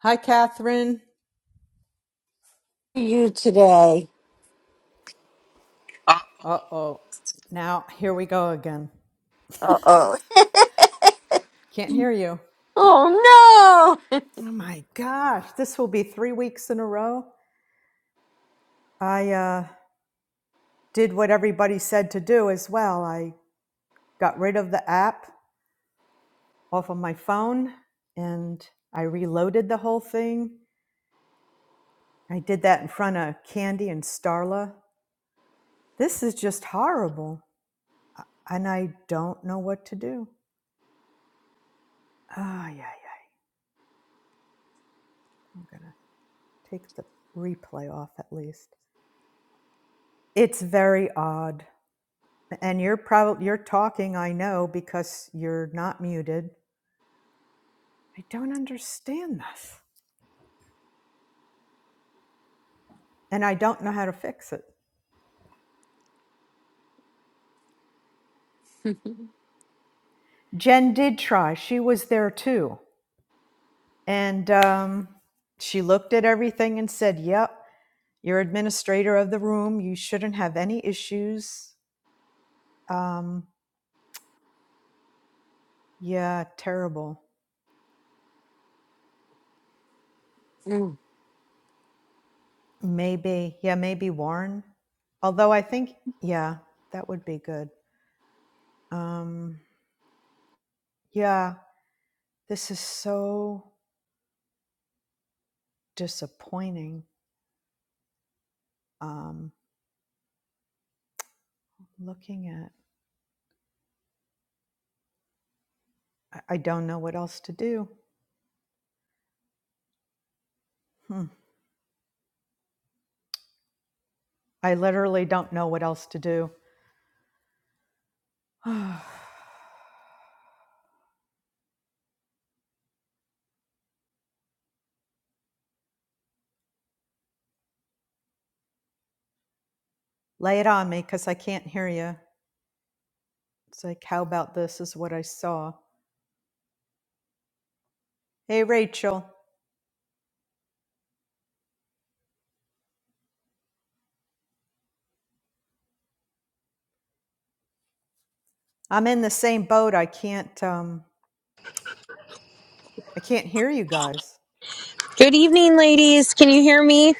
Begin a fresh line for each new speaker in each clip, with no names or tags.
Hi, Catherine.
you today.
Uh oh. Now, here we go again.
Uh oh.
Can't hear you.
Oh
Oh my gosh. This will be three weeks in a row. I uh, did what everybody said to do as well. I got rid of the app off of my phone and I reloaded the whole thing. I did that in front of Candy and Starla. This is just horrible. And I don't know what to do. Ah, yeah, yeah. I'm going to take the replay off at least. It's very odd. And you're probably you're talking, I know, because you're not muted. I don't understand this. And I don't know how to fix it.
no.
Jen did try. She was there too. And um, she looked at everything and said, Yep, you're administrator of the room. You shouldn't have any issues. Um, yeah, terrible. Maybe. Yeah, maybe Warren. Although I think, yeah, that would be good. Um, yeah, This is so disappointing. Um, looking at, I, I don't know what else to do. Hmm. I literally don't know what else to do. Lay it on me because I can't hear you. It's like, how about this is what I saw. Hey, Rachel, I'm in the same boat. I can't, um, I can't hear you guys.
Good evening, ladies. Can you hear me?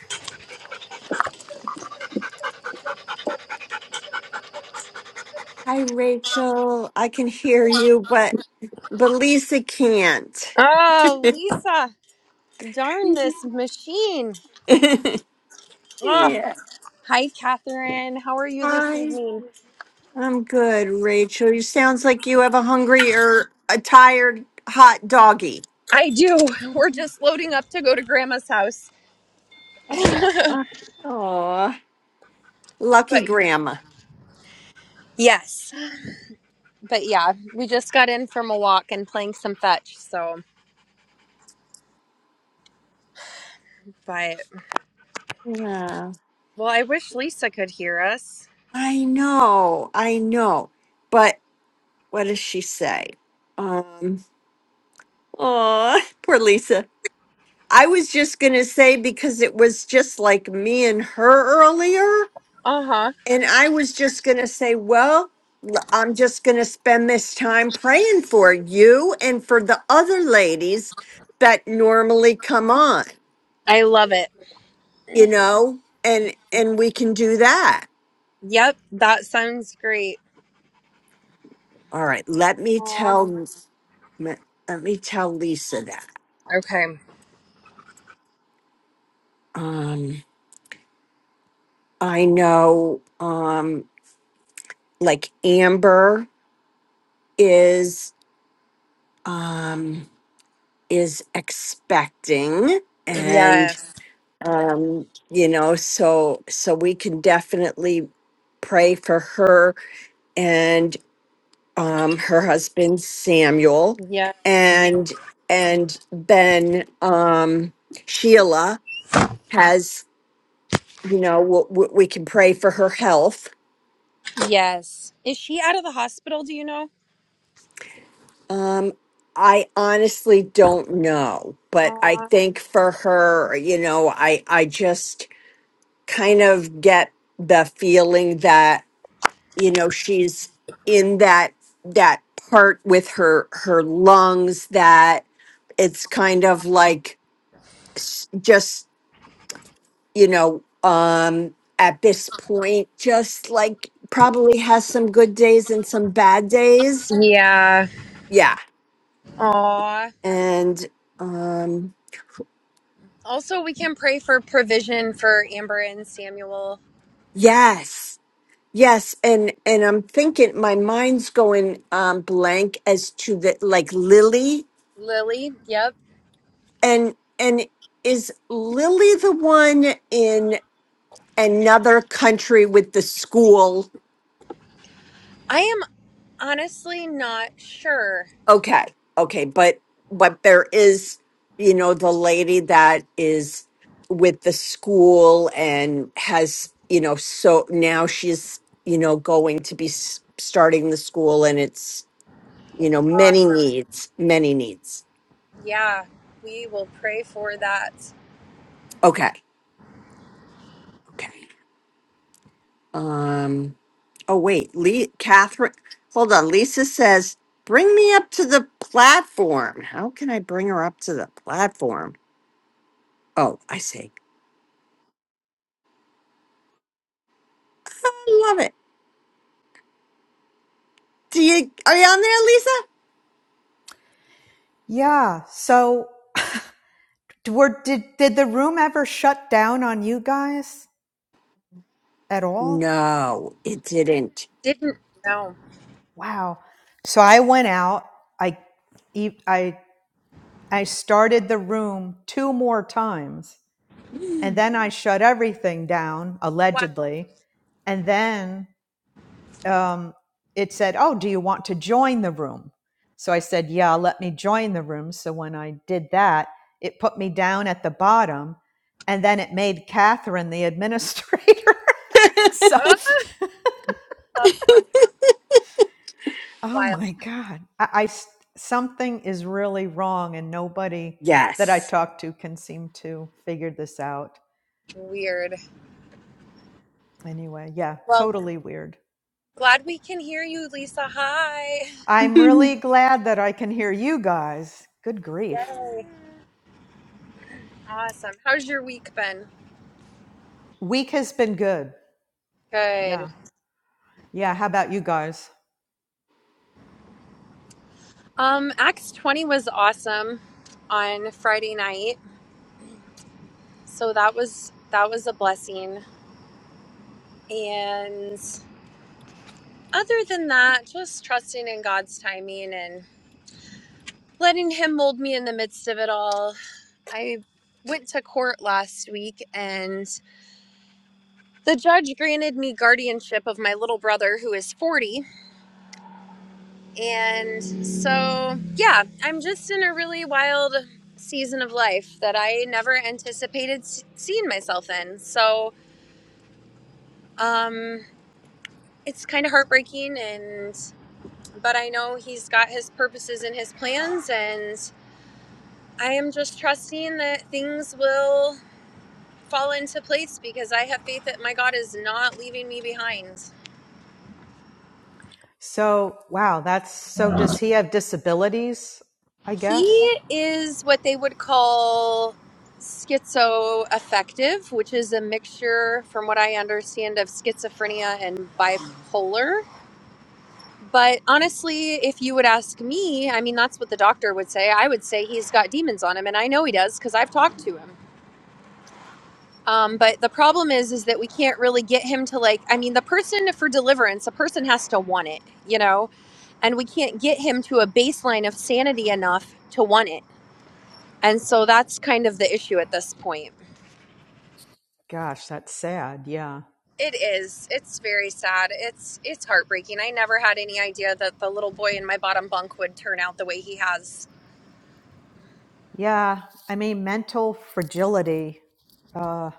Hi, Rachel. I can hear you, but but Lisa can't.
Oh, Lisa, darn this machine. Oh,
Yeah.
hi, Catherine. How are you this
Hi.
evening?
I'm good, Rachel. You sounds like you have a hungry or a tired hot doggy.
I do. We're just loading up to go to Grandma's house.
Aw. Aw. Lucky
But
grandma.
yes, but yeah, we just got in from a walk and playing some fetch. So, but
Yeah.
well, I wish Lisa could hear us.
I know. I know. But what does she say? Um. Aw. Poor Lisa. I was just going to say because it was just like me and her earlier.
Uh huh.
And I was just going to say, well, l- I'm just going to spend this time praying for you and for the other ladies that normally come on,
I love it.
you know, and and we can do that.
Yep, that sounds great.
All right, let me
Aw.
tell let let me tell Lisa that.
Okay.
Um, I know, um, like Amber is. Um, is expecting and
Yes.
um you know so so we can definitely pray for her and um her husband Samuel
Yeah.
and and then um Sheila has you know w- w- we can pray for her health
Yes. Is she out of the hospital? Do you know?
um I honestly don't know but I
Aw.
think for her you know I I just kind of get the feeling that you know she's in that that part with her her lungs that it's kind of like s- just you know um at this point just like probably has some good days and some bad days
Yeah.
yeah
Aw.
and um
Also, we can pray for provision for Amber and Samuel.
yes yes and and i'm thinking my mind's going um blank as to the like lily
Lily. Yep.
And and is Lily the one in another country with the school?
I am honestly not sure.
Okay. Okay, but but there is, you know, the lady that is with the school and has, you know, so now she's, you know, going to be s- starting the school and it's, you know, many
Awesome.
needs, many needs.
Yeah. We will pray for that.
Okay. Okay. Um Oh, wait, Lee, Catherine, hold on. Lisa says, bring me up to the platform. How can I bring her up to the platform? Oh, I see. I love it. Do you, are you on there, Lisa?
Yeah. So, d- were, did, did the room ever shut down on you guys at all?
No, it didn't.
Didn't know.
Wow. So I went out. I e- I I started the room two more times, and then I shut everything down
Wow.
allegedly, and then um, it said, "Oh, do you want to join the room?" So I said, "Yeah, let me join the room." So when I did that, it put me down at the bottom, and then it made Catherine the administrator. so
Oh, that's funny.
Oh
Wild.
my God. I, I s- something is really wrong, and nobody that I
Yes.
talk to can seem to figure this out.
Weird.
Anyway, yeah,
Well,
totally weird.
glad we can hear you, Lisa. Hi.
I'm really glad that I can hear you guys. Good grief.
Yay. Awesome. How's your week been?
Week has been good.
Good.
Yeah. Yeah. How about you guys?
Um, Acts 20 was awesome on Friday night. so that was that was a blessing and other than that just trusting in god's timing and letting him mold me in the midst of it all i went to court last week and the judge granted me guardianship of my little brother who is 40 and so yeah i'm just in a really wild season of life that i never anticipated s- seeing myself in so um it's kind of heartbreaking and but I know he's got his purposes and his plans, and I am just trusting that things will fall into place because I have faith that my God is not leaving me behind.
So, wow, that's so does he have disabilities? I
He
guess.
is what they would call schizoaffective, which is a mixture, from what I understand, of schizophrenia and bipolar. But honestly, if you would ask me, I mean, that's what the doctor would say. I would say he's got demons on him, and I know he does because I've talked to him. Um, but the problem is, is that we can't really get him to like. I mean, the person for deliverance, a person has to want it, you know, and we can't get him to a baseline of sanity enough to want it. And so that's kind of the issue at this point.
Gosh, that's sad. Yeah.
It is. It's very sad. It's it's heartbreaking. I never had any idea that the little boy in my bottom bunk would turn out the way he has.
Yeah. I mean, mental fragility. Uh,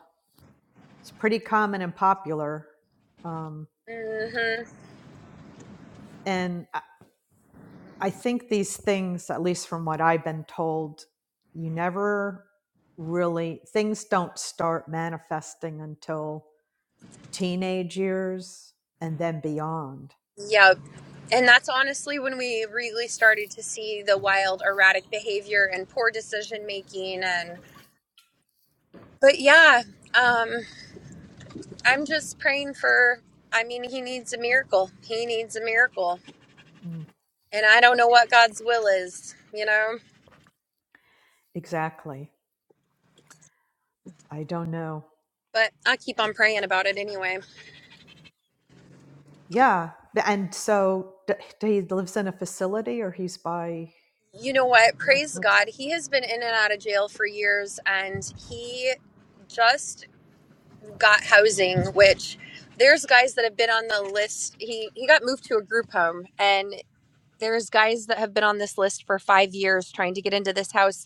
it's pretty common and popular. Um,
hmm
and I think these things, at least from what I've been told, you never really, things don't start manifesting until teenage years and then beyond.
Yeah, and that's honestly when we really started to see the wild erratic behavior and poor decision making and. But yeah, um, I'm just praying for. I mean, he needs a miracle. He needs a miracle,
Mm,
and I don't know what God's will is, you know.
exactly. I don't know.
But I keep on praying about it anyway.
Yeah. And so d- d- he lives in a facility or he's by,
You know what?
what,
Praise
what's,
God. He has been in and out of jail for years, and he just got housing. Which there's guys that have been on the list. He he got moved to a group home, and there's guys that have been on this list for five years trying to get into this house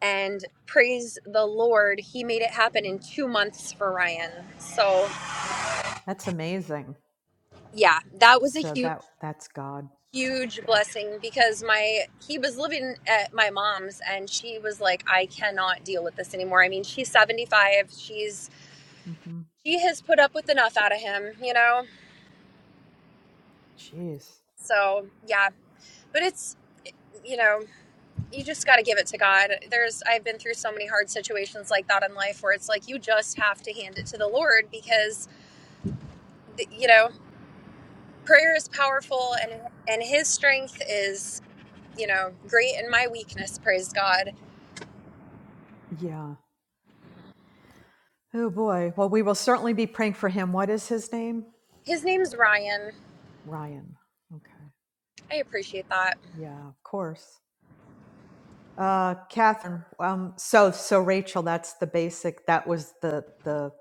and praise the Lord, he made it happen in two months for Ryan. So,
that's amazing.
yeah, that was a
So
huge,
that, that's God.
huge
Yeah.
blessing because my he was living at my mom's and she was like, I cannot deal with this anymore. I mean, she's 75, she's
hmm
she has put up with enough out of him, you know.
Jeez.
So, yeah, but it's you know, you just got to give it to God. There's, I've been through so many hard situations like that in life where it's like you just have to hand it to the Lord because, you know, prayer is powerful and and his strength is you know great in my weakness praise god
Yeah. Oh boy. Well, we will certainly be praying for him. What is his name?
his name's ryan
Ryan. Okay.
i appreciate that
Yeah, of course. Uh, Catherine. Um, so so Rachel, that's the basic. That was the the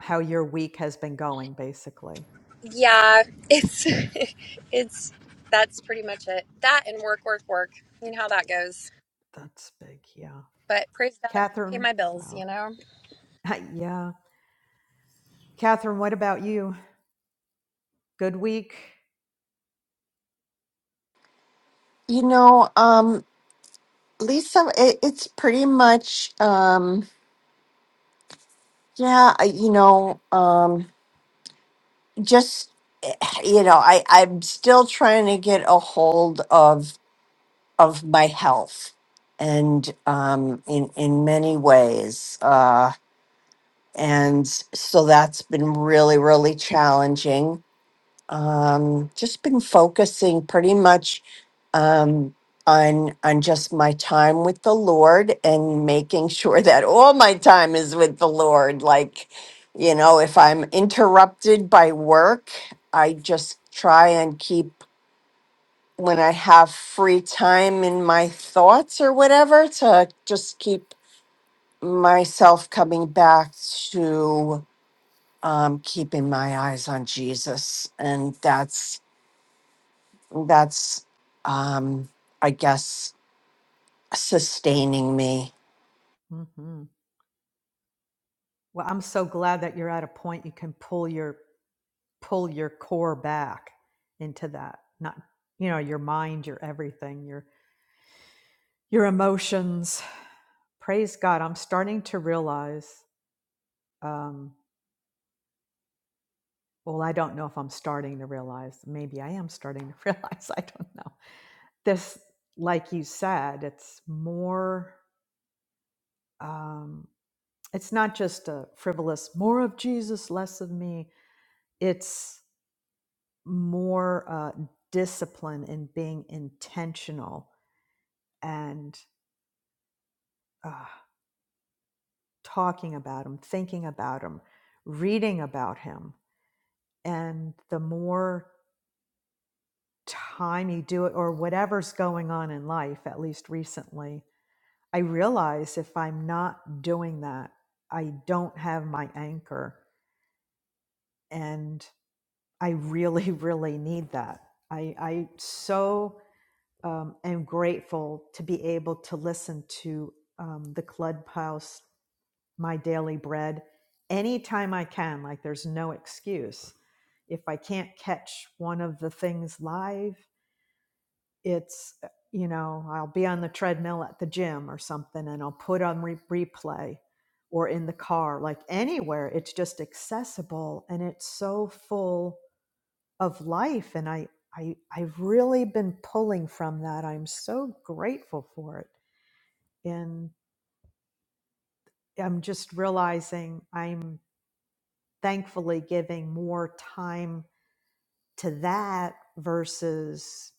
how your week has been going, basically.
yeah it's it's that's pretty much it that and work work work you know how that goes
That's big. Yeah.
but praise god i can pay
Catherine.
my bills
Wow.
you know
yeah. Catherine, what about you? Good week.
You know, um, Lisa, it, it's pretty much, um, yeah, I- you know, um, just, eh, you know, I, I'm still trying to get a hold of of my health and um, in in many ways uh, and so that's been really really challenging um, just been focusing pretty much um, on on just my time with the lord and making sure that all my time is with the lord like you know if i'm interrupted by work i just try and keep when I have free time in my thoughts or whatever to just keep myself coming back to um, keeping my eyes on Jesus, and that's that's um, I guess sustaining me.
hmm Well, I'm so glad that you're at a point you can pull your pull your core back into that not you know your mind your everything your your emotions praise god i'm starting to realize um well i don't know if i'm starting to realize maybe i am starting to realize i don't know this like you said it's more um it's not just a frivolous more of jesus less of me it's more uh discipline in being intentional and uh, talking about him, thinking about him, reading about him. And the more time you do it, or whatever's going on in life, at least recently, I realize if I'm not doing that, I don't have my anchor. And I really, really need that. I, I so um, am grateful to be able to listen to um, the Clubhouse my daily bread anytime I can. Like there's no excuse. If I can't catch one of the things live, it's, uh, you know, I'll be on the treadmill at the gym or something and I'll put on re- replay or in the car, like anywhere. It's just accessible and it's so full of life. And I, I, I've really been pulling from that. I'm so grateful for it. And I'm just realizing I'm thankfully giving more time to that versus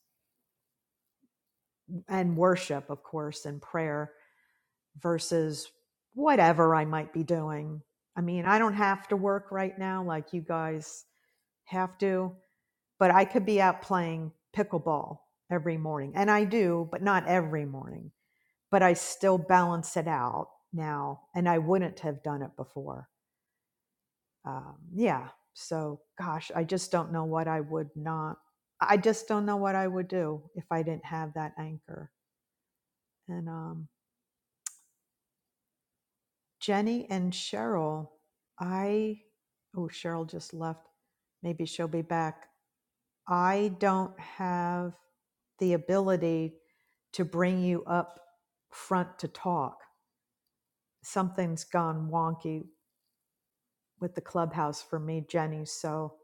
and worship of course and prayer versus whatever i might be doing i mean i don't have to work right now like you guys have to but i could be out playing pickleball every morning and i do but not every morning but i still balance it out now and i wouldn't have done it before um, yeah so gosh i just don't know what i would not i just don't know what i would do if i didn't have that anchor and um, jenny and cheryl i oh cheryl just left maybe she'll be back i don't have the ability to bring you up front to talk something's gone wonky with the clubhouse for me jenny so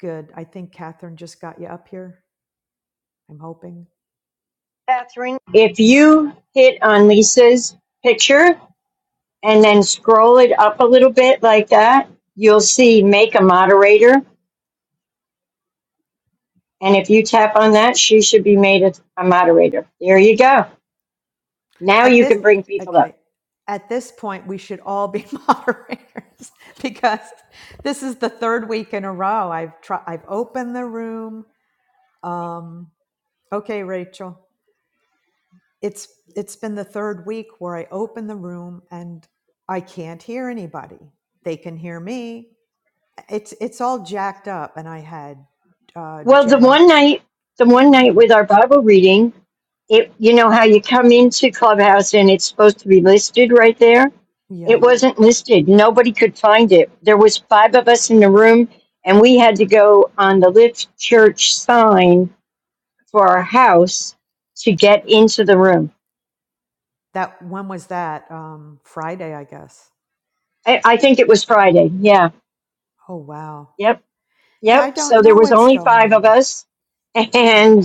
good i think catherine just got you up here i'm hoping
Catherine, if you hit on Lisa's picture and then scroll it up a little bit like that, you'll see make a moderator. And if you tap on that, she should be made a, a moderator. There you go. Now
At
you
this,
can bring people up.
okay, at this point, we should all be moderators because this is the third week in a row. I've tried. I've opened the room. Um, okay, Rachel, it's it's been the third week where I open the room and I can't hear anybody. They can hear me. It's it's all jacked up, and I had uh,
Well, the
Jen.
one night, the one
Yeah,
night with our Bible reading, it you know how you come into clubhouse and it's supposed to be listed right there it
yeah.
wasn't listed nobody could find it there was five of us in the room and we had to go on the lift church sign for our house to get into the room
That when was that? Um, Friday, I guess.
i, I think it was friday yeah
Oh wow.
yep
Yeah, I
yep
don't
so there
know
was
what's
only
going
five of
on.
us
Hmm.
and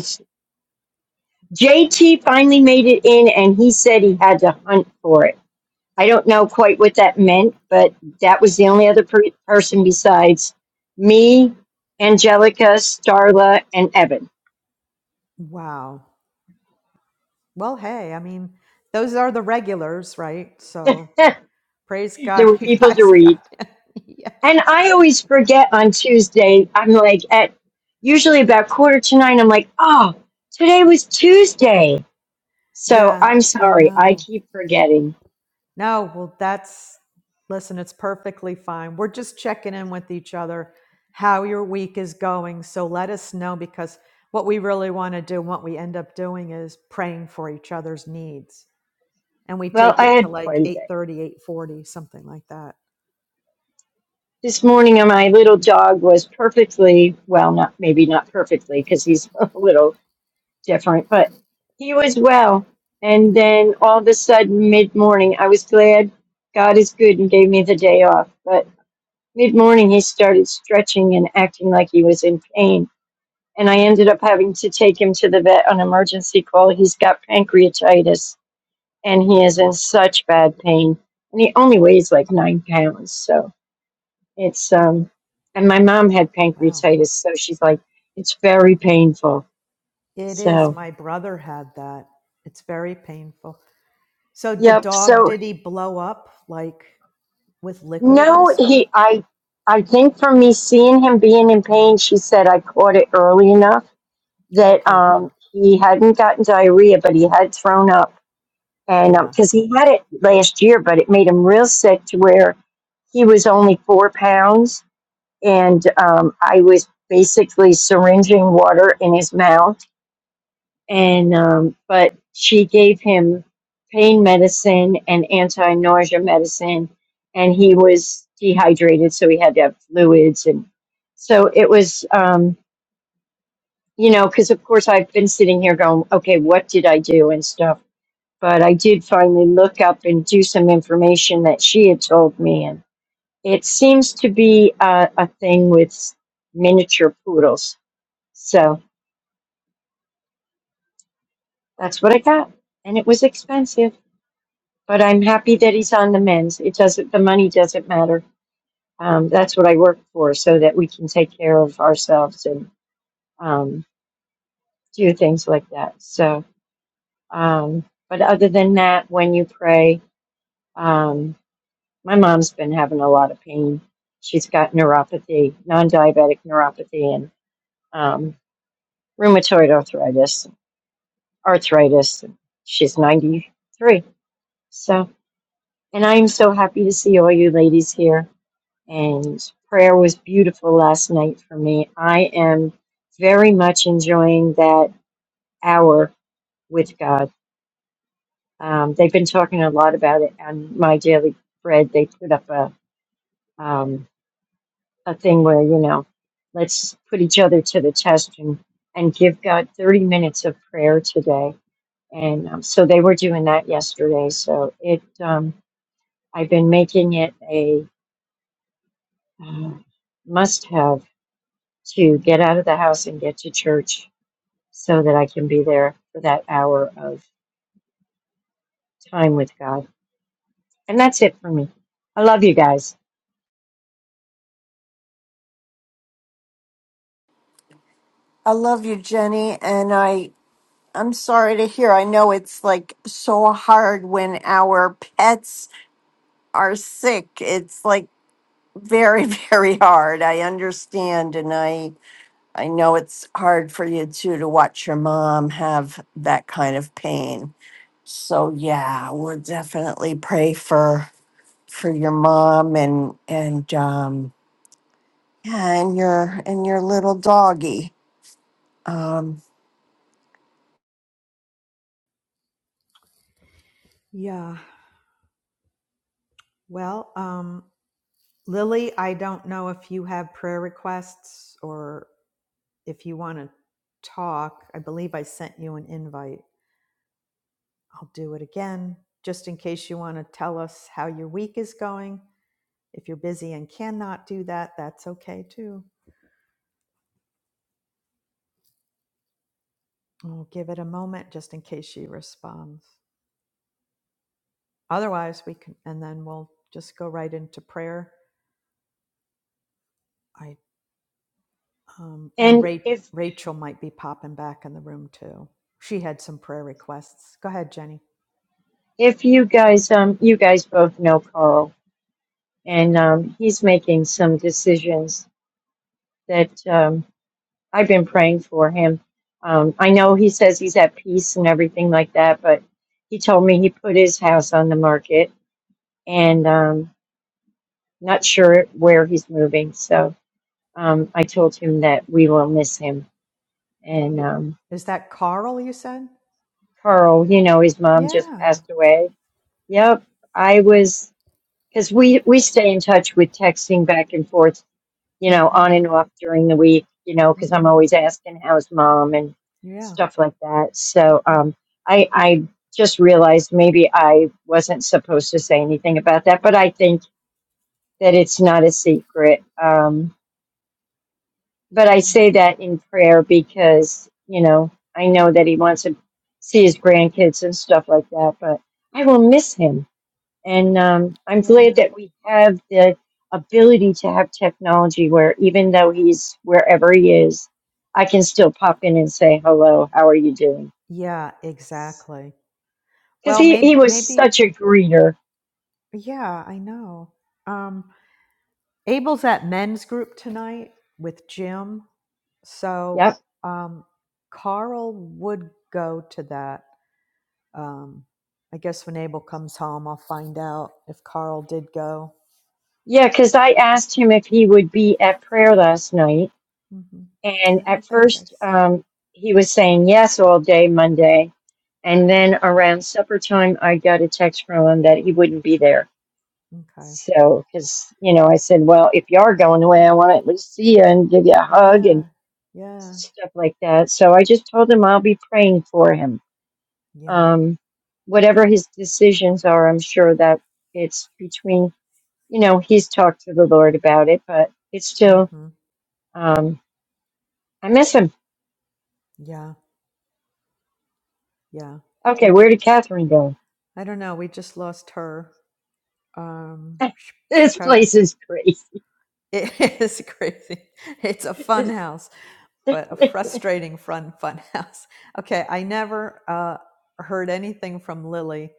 jt finally made it in and he said he had to hunt for it I don't know quite what that meant, but that was the only other per- person besides me, Angelica, Starla, and Evan.
Wow. Well, hey, I mean, those are the regulars, right? So
there
praise God
were
you
people to
guys
read.
got it. yeah.
And I always forget on Tuesday, I'm like at usually about quarter to nine, I'm like, oh, today was Tuesday. So
Yeah,
I'm
I
sorry, I
know.
keep forgetting.
No, well, that's, listen, it's perfectly fine. We're just checking in with each other, how your week is going. So let us know because what we really want to do, what we end up doing is praying for each other's needs. And we
Well,
take
I
it to
had
like
quite a
eight
day.
thirty, eight forty, something like that.
This morning, uh, my little dog was perfectly well, not maybe not perfectly because he's a little different, but he was well. And then all of a sudden, mid morning, I was glad God is good and gave me the day off. But mid morning, he started stretching and acting like he was in pain. And I ended up having to take him to the vet on emergency call. He's got pancreatitis and he is in such bad pain. And he only weighs like nine pounds. So it's, um, and my mom had
Wow.
pancreatitis. So she's like, it's very painful.
It is.
So,
My brother had that. It's very painful. So the
yep. So
dog, did he blow up like with liquid and
No,
stuff?
he. I. I think from me seeing him being in pain, she said I caught it early enough that
Okay, good.
um, he hadn't gotten diarrhea, but he had thrown up, and
Yeah.
because he had it last year, but it made him real sick to where he was only four pounds, and um, I was basically syringing water in his mouth and um, but she gave him pain medicine and anti-nausea medicine and he was dehydrated so he had to have fluids and so it was um, you know because of course i've been sitting here going okay what did i do and stuff but i did finally look up and do some information that she had told me and it seems to be a, a thing with miniature poodles so that's what i got and it was expensive but I'm happy that he's on the mends. It doesn't, the money doesn't matter. Um, that's what I work for, so that we can take care of ourselves and um, do things like that. So, um, but other than that, when you pray, um, my mom's been having a lot of pain. She's got neuropathy, non-diabetic neuropathy, and um, rheumatoid arthritis. Arthritis. She's 93. So, and I am so happy to see all you ladies here. and prayer was beautiful last night for me. I am very much enjoying that hour with God. Um, they've been talking a lot about it on my daily bread. They put up a um, a thing where you know, let's put each other to the test and and give God thirty minutes of prayer today. And um, so they were doing that yesterday. So it um, I've been making it a uh, must have to get out of the house and get to church so that I can be there for that hour of time with God. And that's it for me. I love you guys.
I love you, Jenny, and I I'm sorry to hear. I know it's like so hard when our pets are sick. It's like very very hard. I understand, and I I know it's hard for you too to watch your mom have that kind of pain. So yeah, we'll definitely pray for for your mom and and um yeah, and your and your little doggy. Um
Yeah. Well, um, Lily, I don't know if you have prayer requests or if you want to talk. I believe I sent you an invite. I'll do it again just in case you want to tell us how your week is going. If you're busy and cannot do that, that's okay too. We'll give it a moment just in case she responds. Otherwise, we can, and then we'll just go right into prayer. I um, and
And
Ra-
if
Rachel might be popping back in the room too. She had some prayer requests. Go ahead, Jenny.
if you guys um you guys both know Carl and um he's making some decisions that um I've been praying for him. Um I know he says he's at peace and everything like that, but he told me he put his house on the market and um not sure where he's moving. So um I told him that we will miss him and
It,
um
is that Carl you said?
Carl, you know, his mom just
Yeah.
passed away. Yep. I was, because we, we stay in touch with texting back and forth, you know,
Mm-hmm.
on and off during the week, you know, because I'm
Mm-hmm.
always asking how's mom and
Yeah.
stuff like that. So um, I, I just realized maybe I wasn't supposed to say anything about that, but I think that it's not a secret. Um, but I
mm
say that in prayer because, you know, I know that he wants to see his grandkids and stuff like that, but I will miss him. And um, I'm glad
Yeah.
that we have the ability to have technology where even though he's wherever he is, I can still pop in and say, hello, how are you doing?
Yeah. Exactly.
Because
Well,
he,
maybe.
he was such
Maybe.
a greeter.
Yeah. I know. Um, Abel's at men's group tonight with Jim. So
Yep.
um, Carl would go to that. Um, I guess when Abel comes home, I'll find out if Carl did go.
Yeah, because I asked him if he would be at prayer last night
hmm
And
I
at
don't think I
first,
saw him.
um, he was saying yes all day Monday. And then around supper time, I got a text from him that he wouldn't be there.
Okay.
So, because, you know, I said, well, if you are going away,
Wow.
I want to at least see you and give you a hug
Yeah.
and
Yeah.
stuff like that. So I just told him I'll be praying for him.
Yeah.
Um, whatever his decisions are, I'm sure that it's between, you know, he's talked to the Lord about it, but it's still,
hmm
um, I miss him.
Yeah. Yeah.
Okay,
We
where
just,
did Catherine go?
I don't know. We just lost her. Um, sh- sh-
This
pro-
place is crazy.
it is crazy. It's a fun house but a frustrating fun fun house. Okay, I never uh, heard anything from Lily.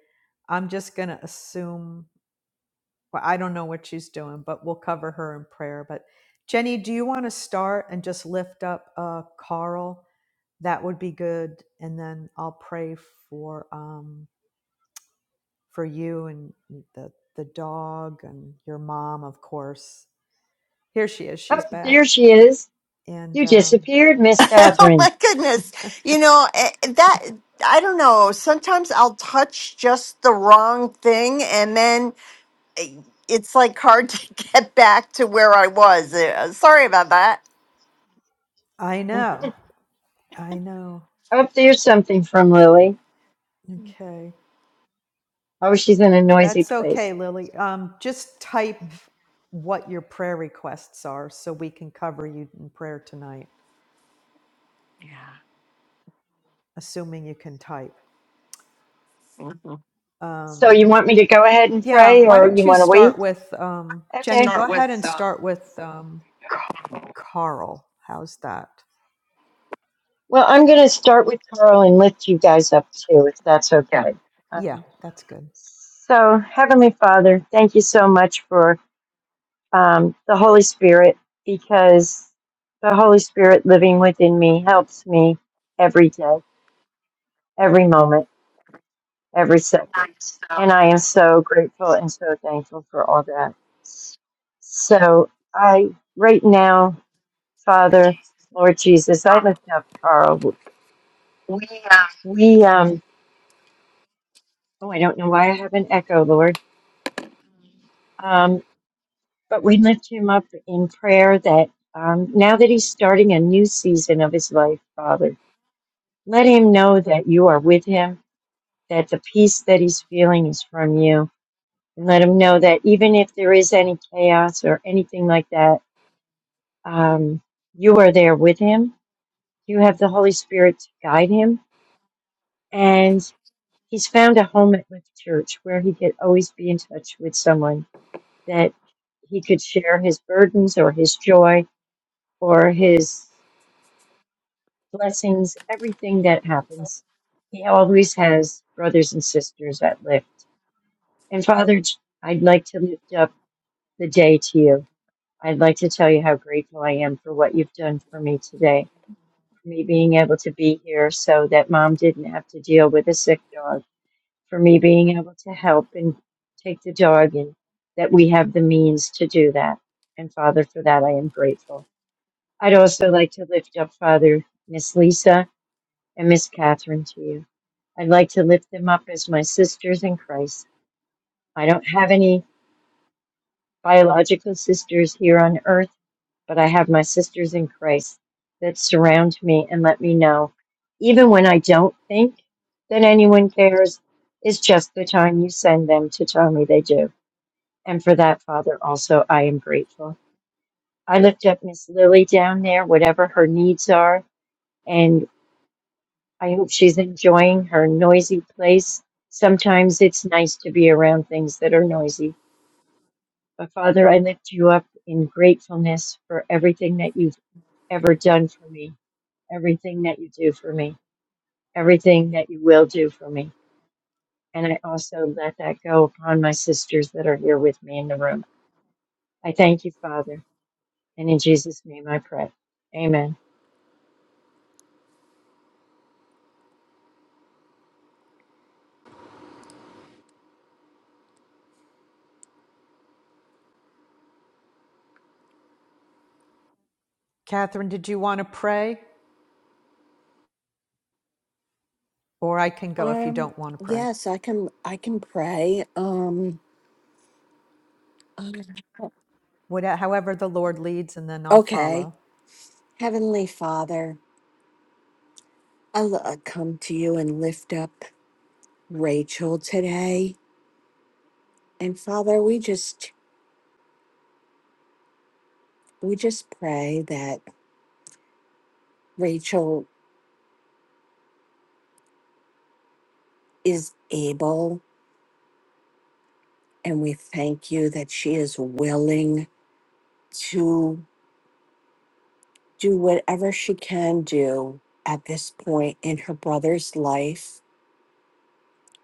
I'm just going to assume. Well, I don't know what she's doing, but we'll cover her in prayer. But Jenny, do you want to start and just lift up uh, Carl? That would be good, and then I'll pray for um, for you and the the dog and your mom, of course. Here she is.
Up
She's
there
back,
she is.
and
You
um,
disappeared, Miss
oh
Catherine.
my goodness. You know, eh, that I don't know, sometimes I'll touch just the wrong thing and then eh, it's like hard to get back to where I was. Eh, Sorry about that.
I know, I know.
Up there's something from Lily.
Okay.
Oh, she's in a noisy
That's okay,
place.
Lily. Um, just type what your prayer requests are so we can cover you in prayer tonight,
Yeah.
assuming you can type.
So you
Um,
want me to go ahead and
yeah,
pray,
why
or
don't
you
you
want to wait?
start with um, Jenny?
Okay.
Go
start
ahead
with
and
uh,
start with um, Carl. How's that?
Well, I'm going to start with Carl and lift you guys up too, if that's
Yeah.
okay.
Yeah,
Um,
that's good.
so, Heavenly Father, thank you so much for um, the Holy Spirit, because the Holy Spirit living within me helps me every day. every moment, every second. And I am so grateful and so thankful for all that. So I, right now, Father, Lord Jesus, I lift up Carl.
we uh,
We, um, oh, I don't know why I have an echo, Lord. Um, but we lift him up in prayer that um, now that he's starting a new season of his life, Father, let him know that you are with him, that the peace that he's feeling is from you and let them know that even if there is any chaos or anything like that, um, you are there with him. You have the Holy Spirit to guide him. And he's found a home at Lift Church where he could always be in touch with someone that he could share his burdens or his joy or his blessings, everything that happens. He always has brothers and sisters at Lift. And Father, I'd like to lift up the day to you I'd like to tell you how grateful I am for what you've done for me today, for me being able to be here so that mom didn't have to deal with a sick dog, for me being able to help and take the dog, and that we have the means to do that. And Father, for that, I am grateful. I'd also like to lift up Father, Miss Lisa, and Miss Catherine to you. I'd like to lift them up as my sisters in Christ. I don't have any biological sisters here on earth but I have my sisters in Christ that surround me and let me know, even when I don't think that anyone cares, it's just the time you send them to tell me they do. And for that, Father, also, I am grateful. I lift up Miss Lily down there, whatever her needs are, and I hope she's enjoying her noisy place. Sometimes it's nice to be around things that are noisy. But Father, I lift you up in gratefulness for everything that you've ever done for me everything that you do for me, everything that you will do for me. And I also let that go upon my sisters that are here with me in the room. I thank you, Father. And in Jesus' name I pray. Amen.
Catherine, did you want to pray? Or I can go if you
Um,
don't want to pray.
yes, I can I can pray. Um um,
What, however, the Lord leads, and then I'll
okay.
follow.
Heavenly Father, I l- I come to you and lift up Rachel today. And Father, we just we just pray that Rachel is able and we thank you that she is willing to do whatever she can do at this point in her brother's life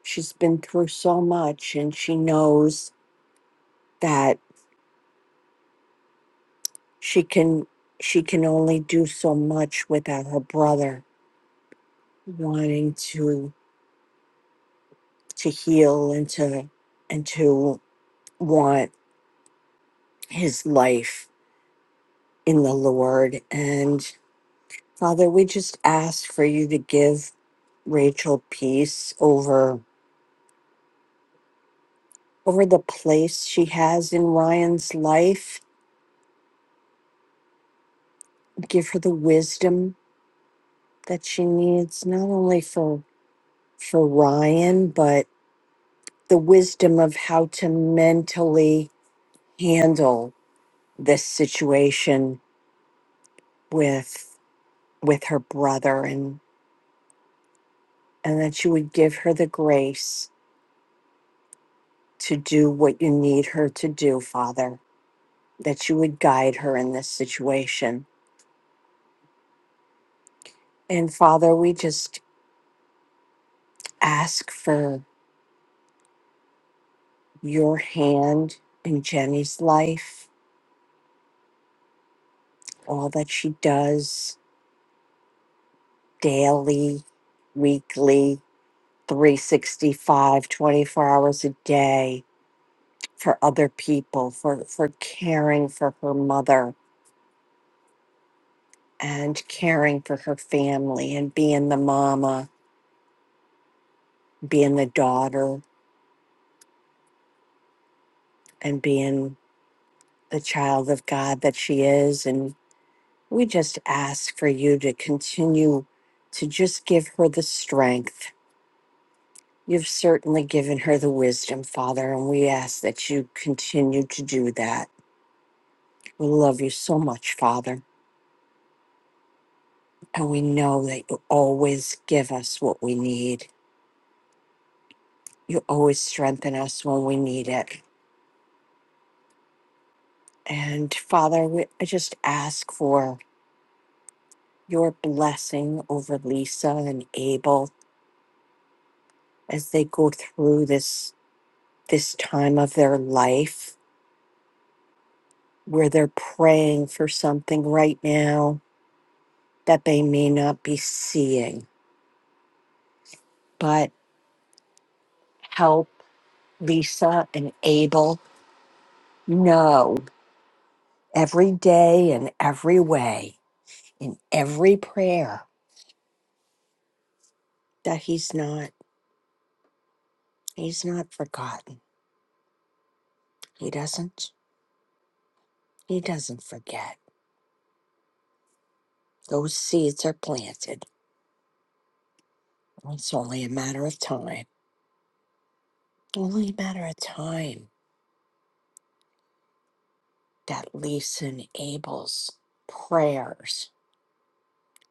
she's been through so much and she knows that she can she can only do so much without her brother wanting to to heal and to and to want his life in the lord and father we just ask for you to give rachel peace over over the place she has in ryan's life give her the wisdom that she needs not only for for Ryan, but the wisdom of how to mentally handle this situation with with her brother and and that you would give her the grace to do what you need her to do, Father, that you would guide her in this situation. And Father, we just ask for your hand in Jenny's life, all that she does daily, weekly, Three sixty-five, twenty-four hours a day for other people for for caring for her mother and caring for her family and being the mama being the daughter and being the child of god that she is and we just ask for you to continue to just give her the strength you've certainly given her the wisdom father and we ask that you continue to do that we love you so much father And we know that you always give us what we need. You always strengthen us when we need it. And Father, we, I just ask for your blessing over Lisa and Abel as they go through this this time of their life where they're praying for something right now that they may not be seeing. But help Lisa and Abel know every day and every way in every prayer that he's not he's not forgotten he doesn't he doesn't forget those seeds are planted it's only a matter of time only a matter of time that lisa and abel's prayers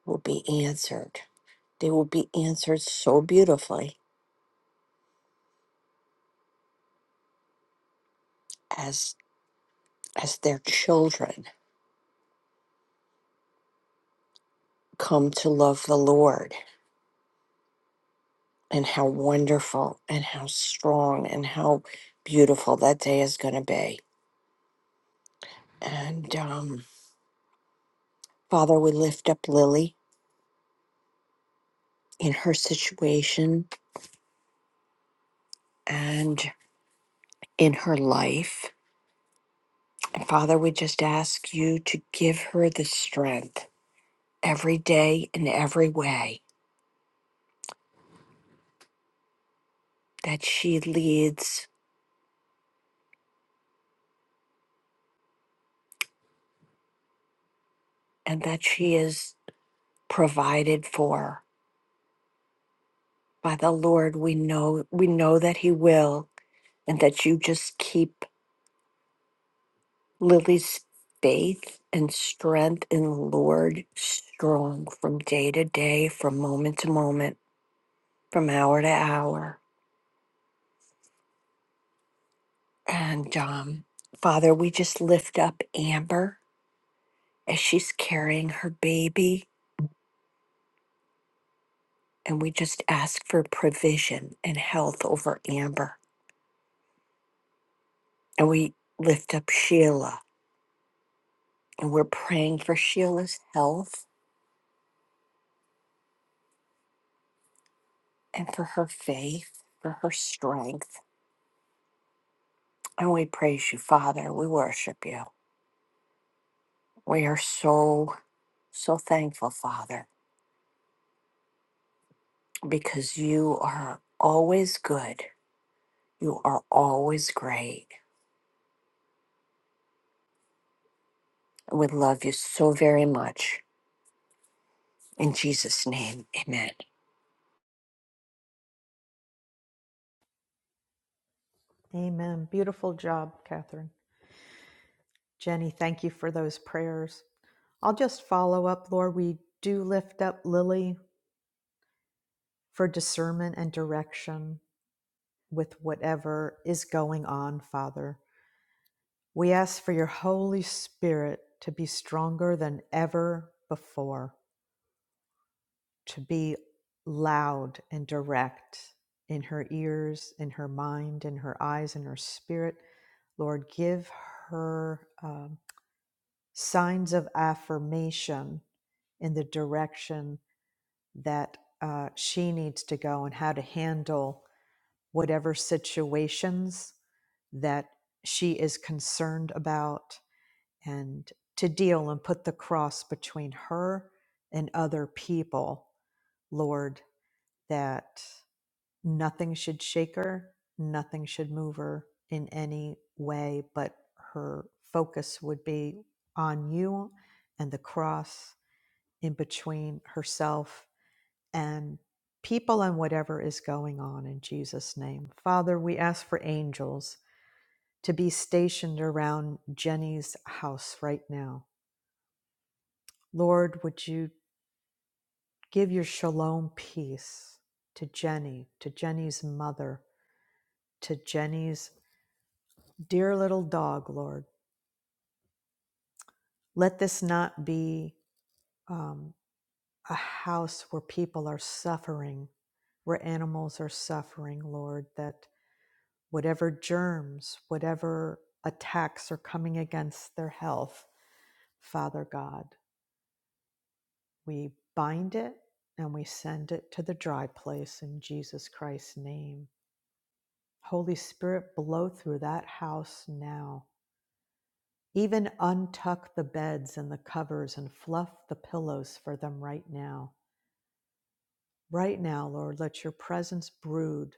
will be answered they will be answered so beautifully as as their children come to love the lord and how wonderful and how strong and how beautiful that day is going to be And um, Father, we lift up Lily in her situation and in her life. And Father, we just ask you to give her the strength every day in every way that she leads and that she is provided for by the Lord. We know we know that He will, and that you just keep Lily's faith and strength in the Lord strong from day to day, from moment to moment. from hour to hour. And um, Father, we just lift up Amber as she's carrying her baby, and we just ask for provision and health over Amber. And we lift up Sheila, and we're praying for Sheila's health and for her faith, for her strength. And we praise you, Father. We worship you. We are so, so thankful, Father, because you are always good. You are always great We love you so very much. In Jesus' name, amen.
Amen. Beautiful job, Catherine. Jenny, thank you for those prayers. I'll just follow up, Lord. We do lift up Lily for discernment and direction with whatever is going on, Father. We ask for your Holy Spirit to be stronger than ever before, to be loud and direct in her ears, in her mind, in her eyes, in her spirit. Lord, give her um, signs of affirmation in the direction that uh, she needs to go and how to handle whatever situations that she is concerned about and to deal and put the cross between her and other people, Lord, that nothing should shake her, nothing should move her in any way, but her focus would be on you and the cross in between herself and people and whatever is going on in Jesus' name. Father, we ask for angels to be stationed around Jenny's house right now. Lord, would you give your shalom peace to Jenny, to Jenny's mother, to Jenny's dear little dog, Lord? Let this not be um, a house where people are suffering, where animals are suffering, Lord, that whatever germs, whatever attacks are coming against their health, Father God, we bind it and we send it to the dry place in Jesus Christ's name. Holy Spirit, blow through that house now. Even untuck the beds and the covers and fluff the pillows for them right now. Right now, Lord, let your presence brood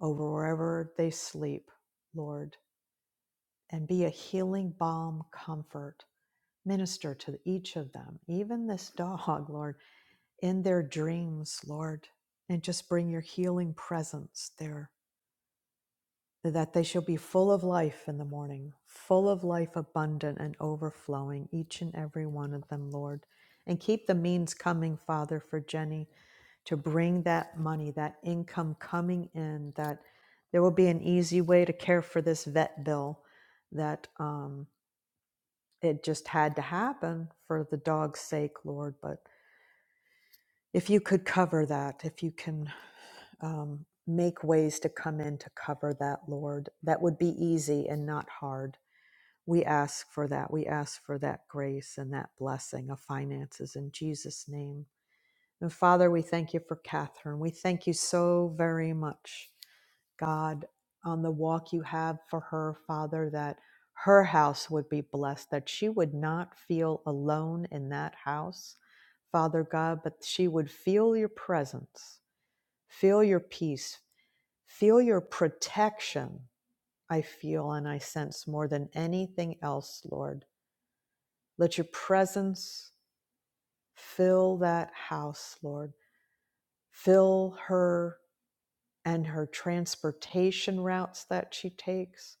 over wherever they sleep, Lord, and be a healing balm comfort Minister to each of them, even this dog, Lord, in their dreams, Lord, and just bring your healing presence there, that they shall be full of life in the morning, full of life abundant and overflowing, each and every one of them, Lord. And keep the means coming, Father, for Jenny to bring that money, that income coming in, that there will be an easy way to care for this vet bill, that. Um, it just had to happen for the dog's sake, Lord. But if you could cover that, if you can um, make ways to come in to cover that, Lord, that would be easy and not hard. We ask for that. We ask for that grace and that blessing of finances in Jesus' name. And Father, we thank you for Catherine. We thank you so very much God, on the walk you have for her, Father, that her house would be blessed, that she would not feel alone in that house, Father God, but she would feel your presence, feel your peace, feel your protection. I feel and I sense more than anything else, Lord. Let your presence fill that house, Lord. Fill her and her transportation routes that she takes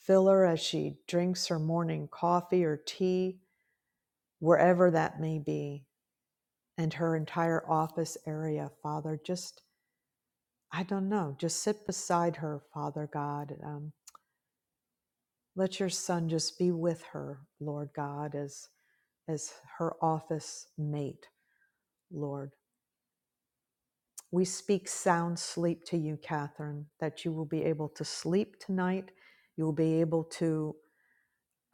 Fill her as she drinks her morning coffee or tea, wherever that may be, and her entire office area, Father. Just, I don't know, just sit beside her, Father God. Um, let your son just be with her, Lord God, as, as her office mate, Lord. We speak sound sleep to you, Catherine, that you will be able to sleep tonight. You will be able to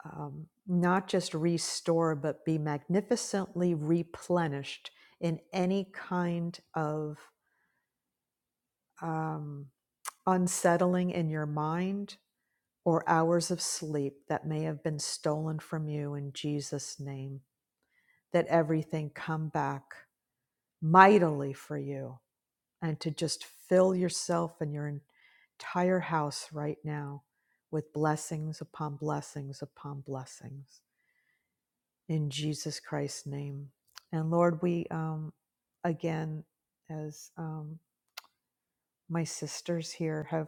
um, not just restore, but be magnificently replenished in any kind of um, unsettling in your mind or hours of sleep that may have been stolen from you in Jesus' name. That everything come back mightily for you and to just fill yourself and your entire house right now with blessings upon blessings upon blessings. in Jesus Christ's name. And Lord, we um, again, as um, my sisters here have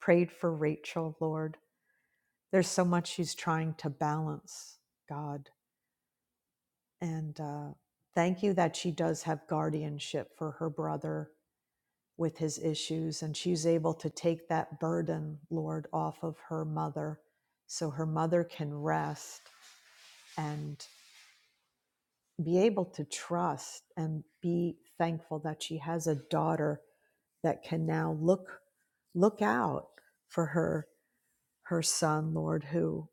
prayed for Rachel, Lord, there's so much she's trying to balance, God. And uh, thank you that she does have guardianship for her brother with his issues, and she's able to take that burden, Lord, off of her mother so her mother can rest and. be able to trust and be thankful that she has a daughter that can now look look out for her her son lord who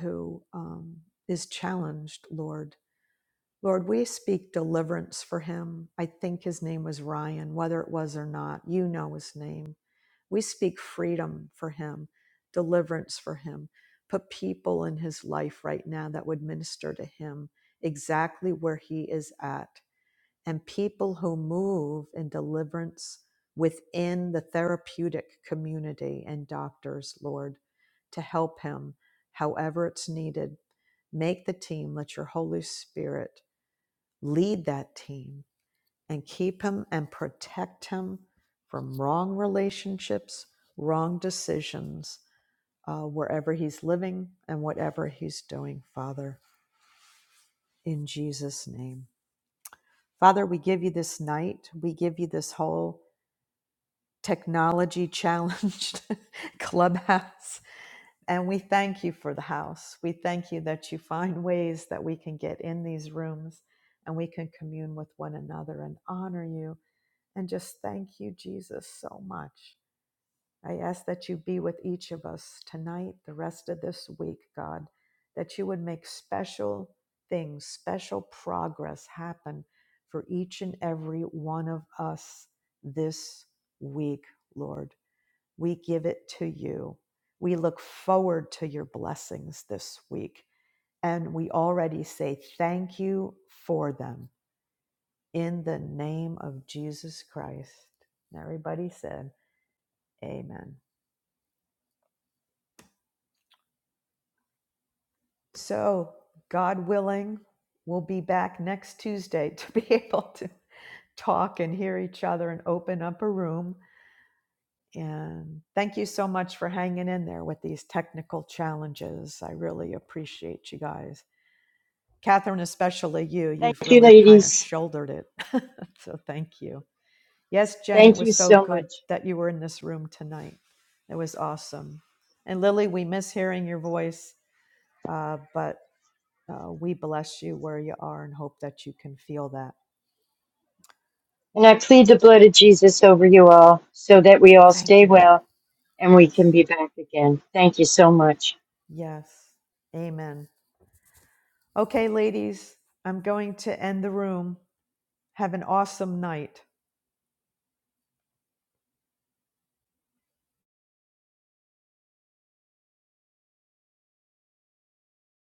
who um, is challenged lord lord we speak deliverance for him i think his name was ryan whether it was or not you know his name we speak freedom for him deliverance for him put people in his life right now that would minister to him exactly where he is at and people who move in deliverance within the therapeutic community and doctors, Lord, to help him however it's needed. Make the team, let your Holy Spirit lead that team and keep him and protect him from wrong relationships, wrong decisions, uh, wherever he's living and whatever he's doing, Father, in Jesus' name. Father, we give you this night. We give you this whole technology challenged clubhouse. And we thank you for the house. We thank you that you find ways that we can get in these rooms and we can commune with one another and honor you. And just thank you, Jesus, so much. I ask that you be with each of us tonight, the rest of this week, God, that you would make special things, special progress happen for each and every one of us this week, Lord. We give it to you. We look forward to your blessings this week. And we already say thank you for them in the name of Jesus Christ. And everybody said, Amen. So, God willing, we'll be back next Tuesday to be able to talk and hear each other and open up a room. And thank you so much for hanging in there with these technical challenges. I really appreciate you guys. Catherine, especially you,
Thank
you've
you,
really kind of
ladies.
shouldered it. so thank you. Yes, Jenny, it
Thank you
was so
so
good
much.
that you were in this room tonight. It was awesome. And Lily, we miss hearing your voice, uh, but uh, we bless you where you are and hope that you can feel that.
And I plead the blood of Jesus over you all so that we all
Thank
stay
you.
well and we
Yes.
can be back again. Thank you so much.
Yes. Amen. Okay, ladies, I'm going to end the room. Have an awesome night.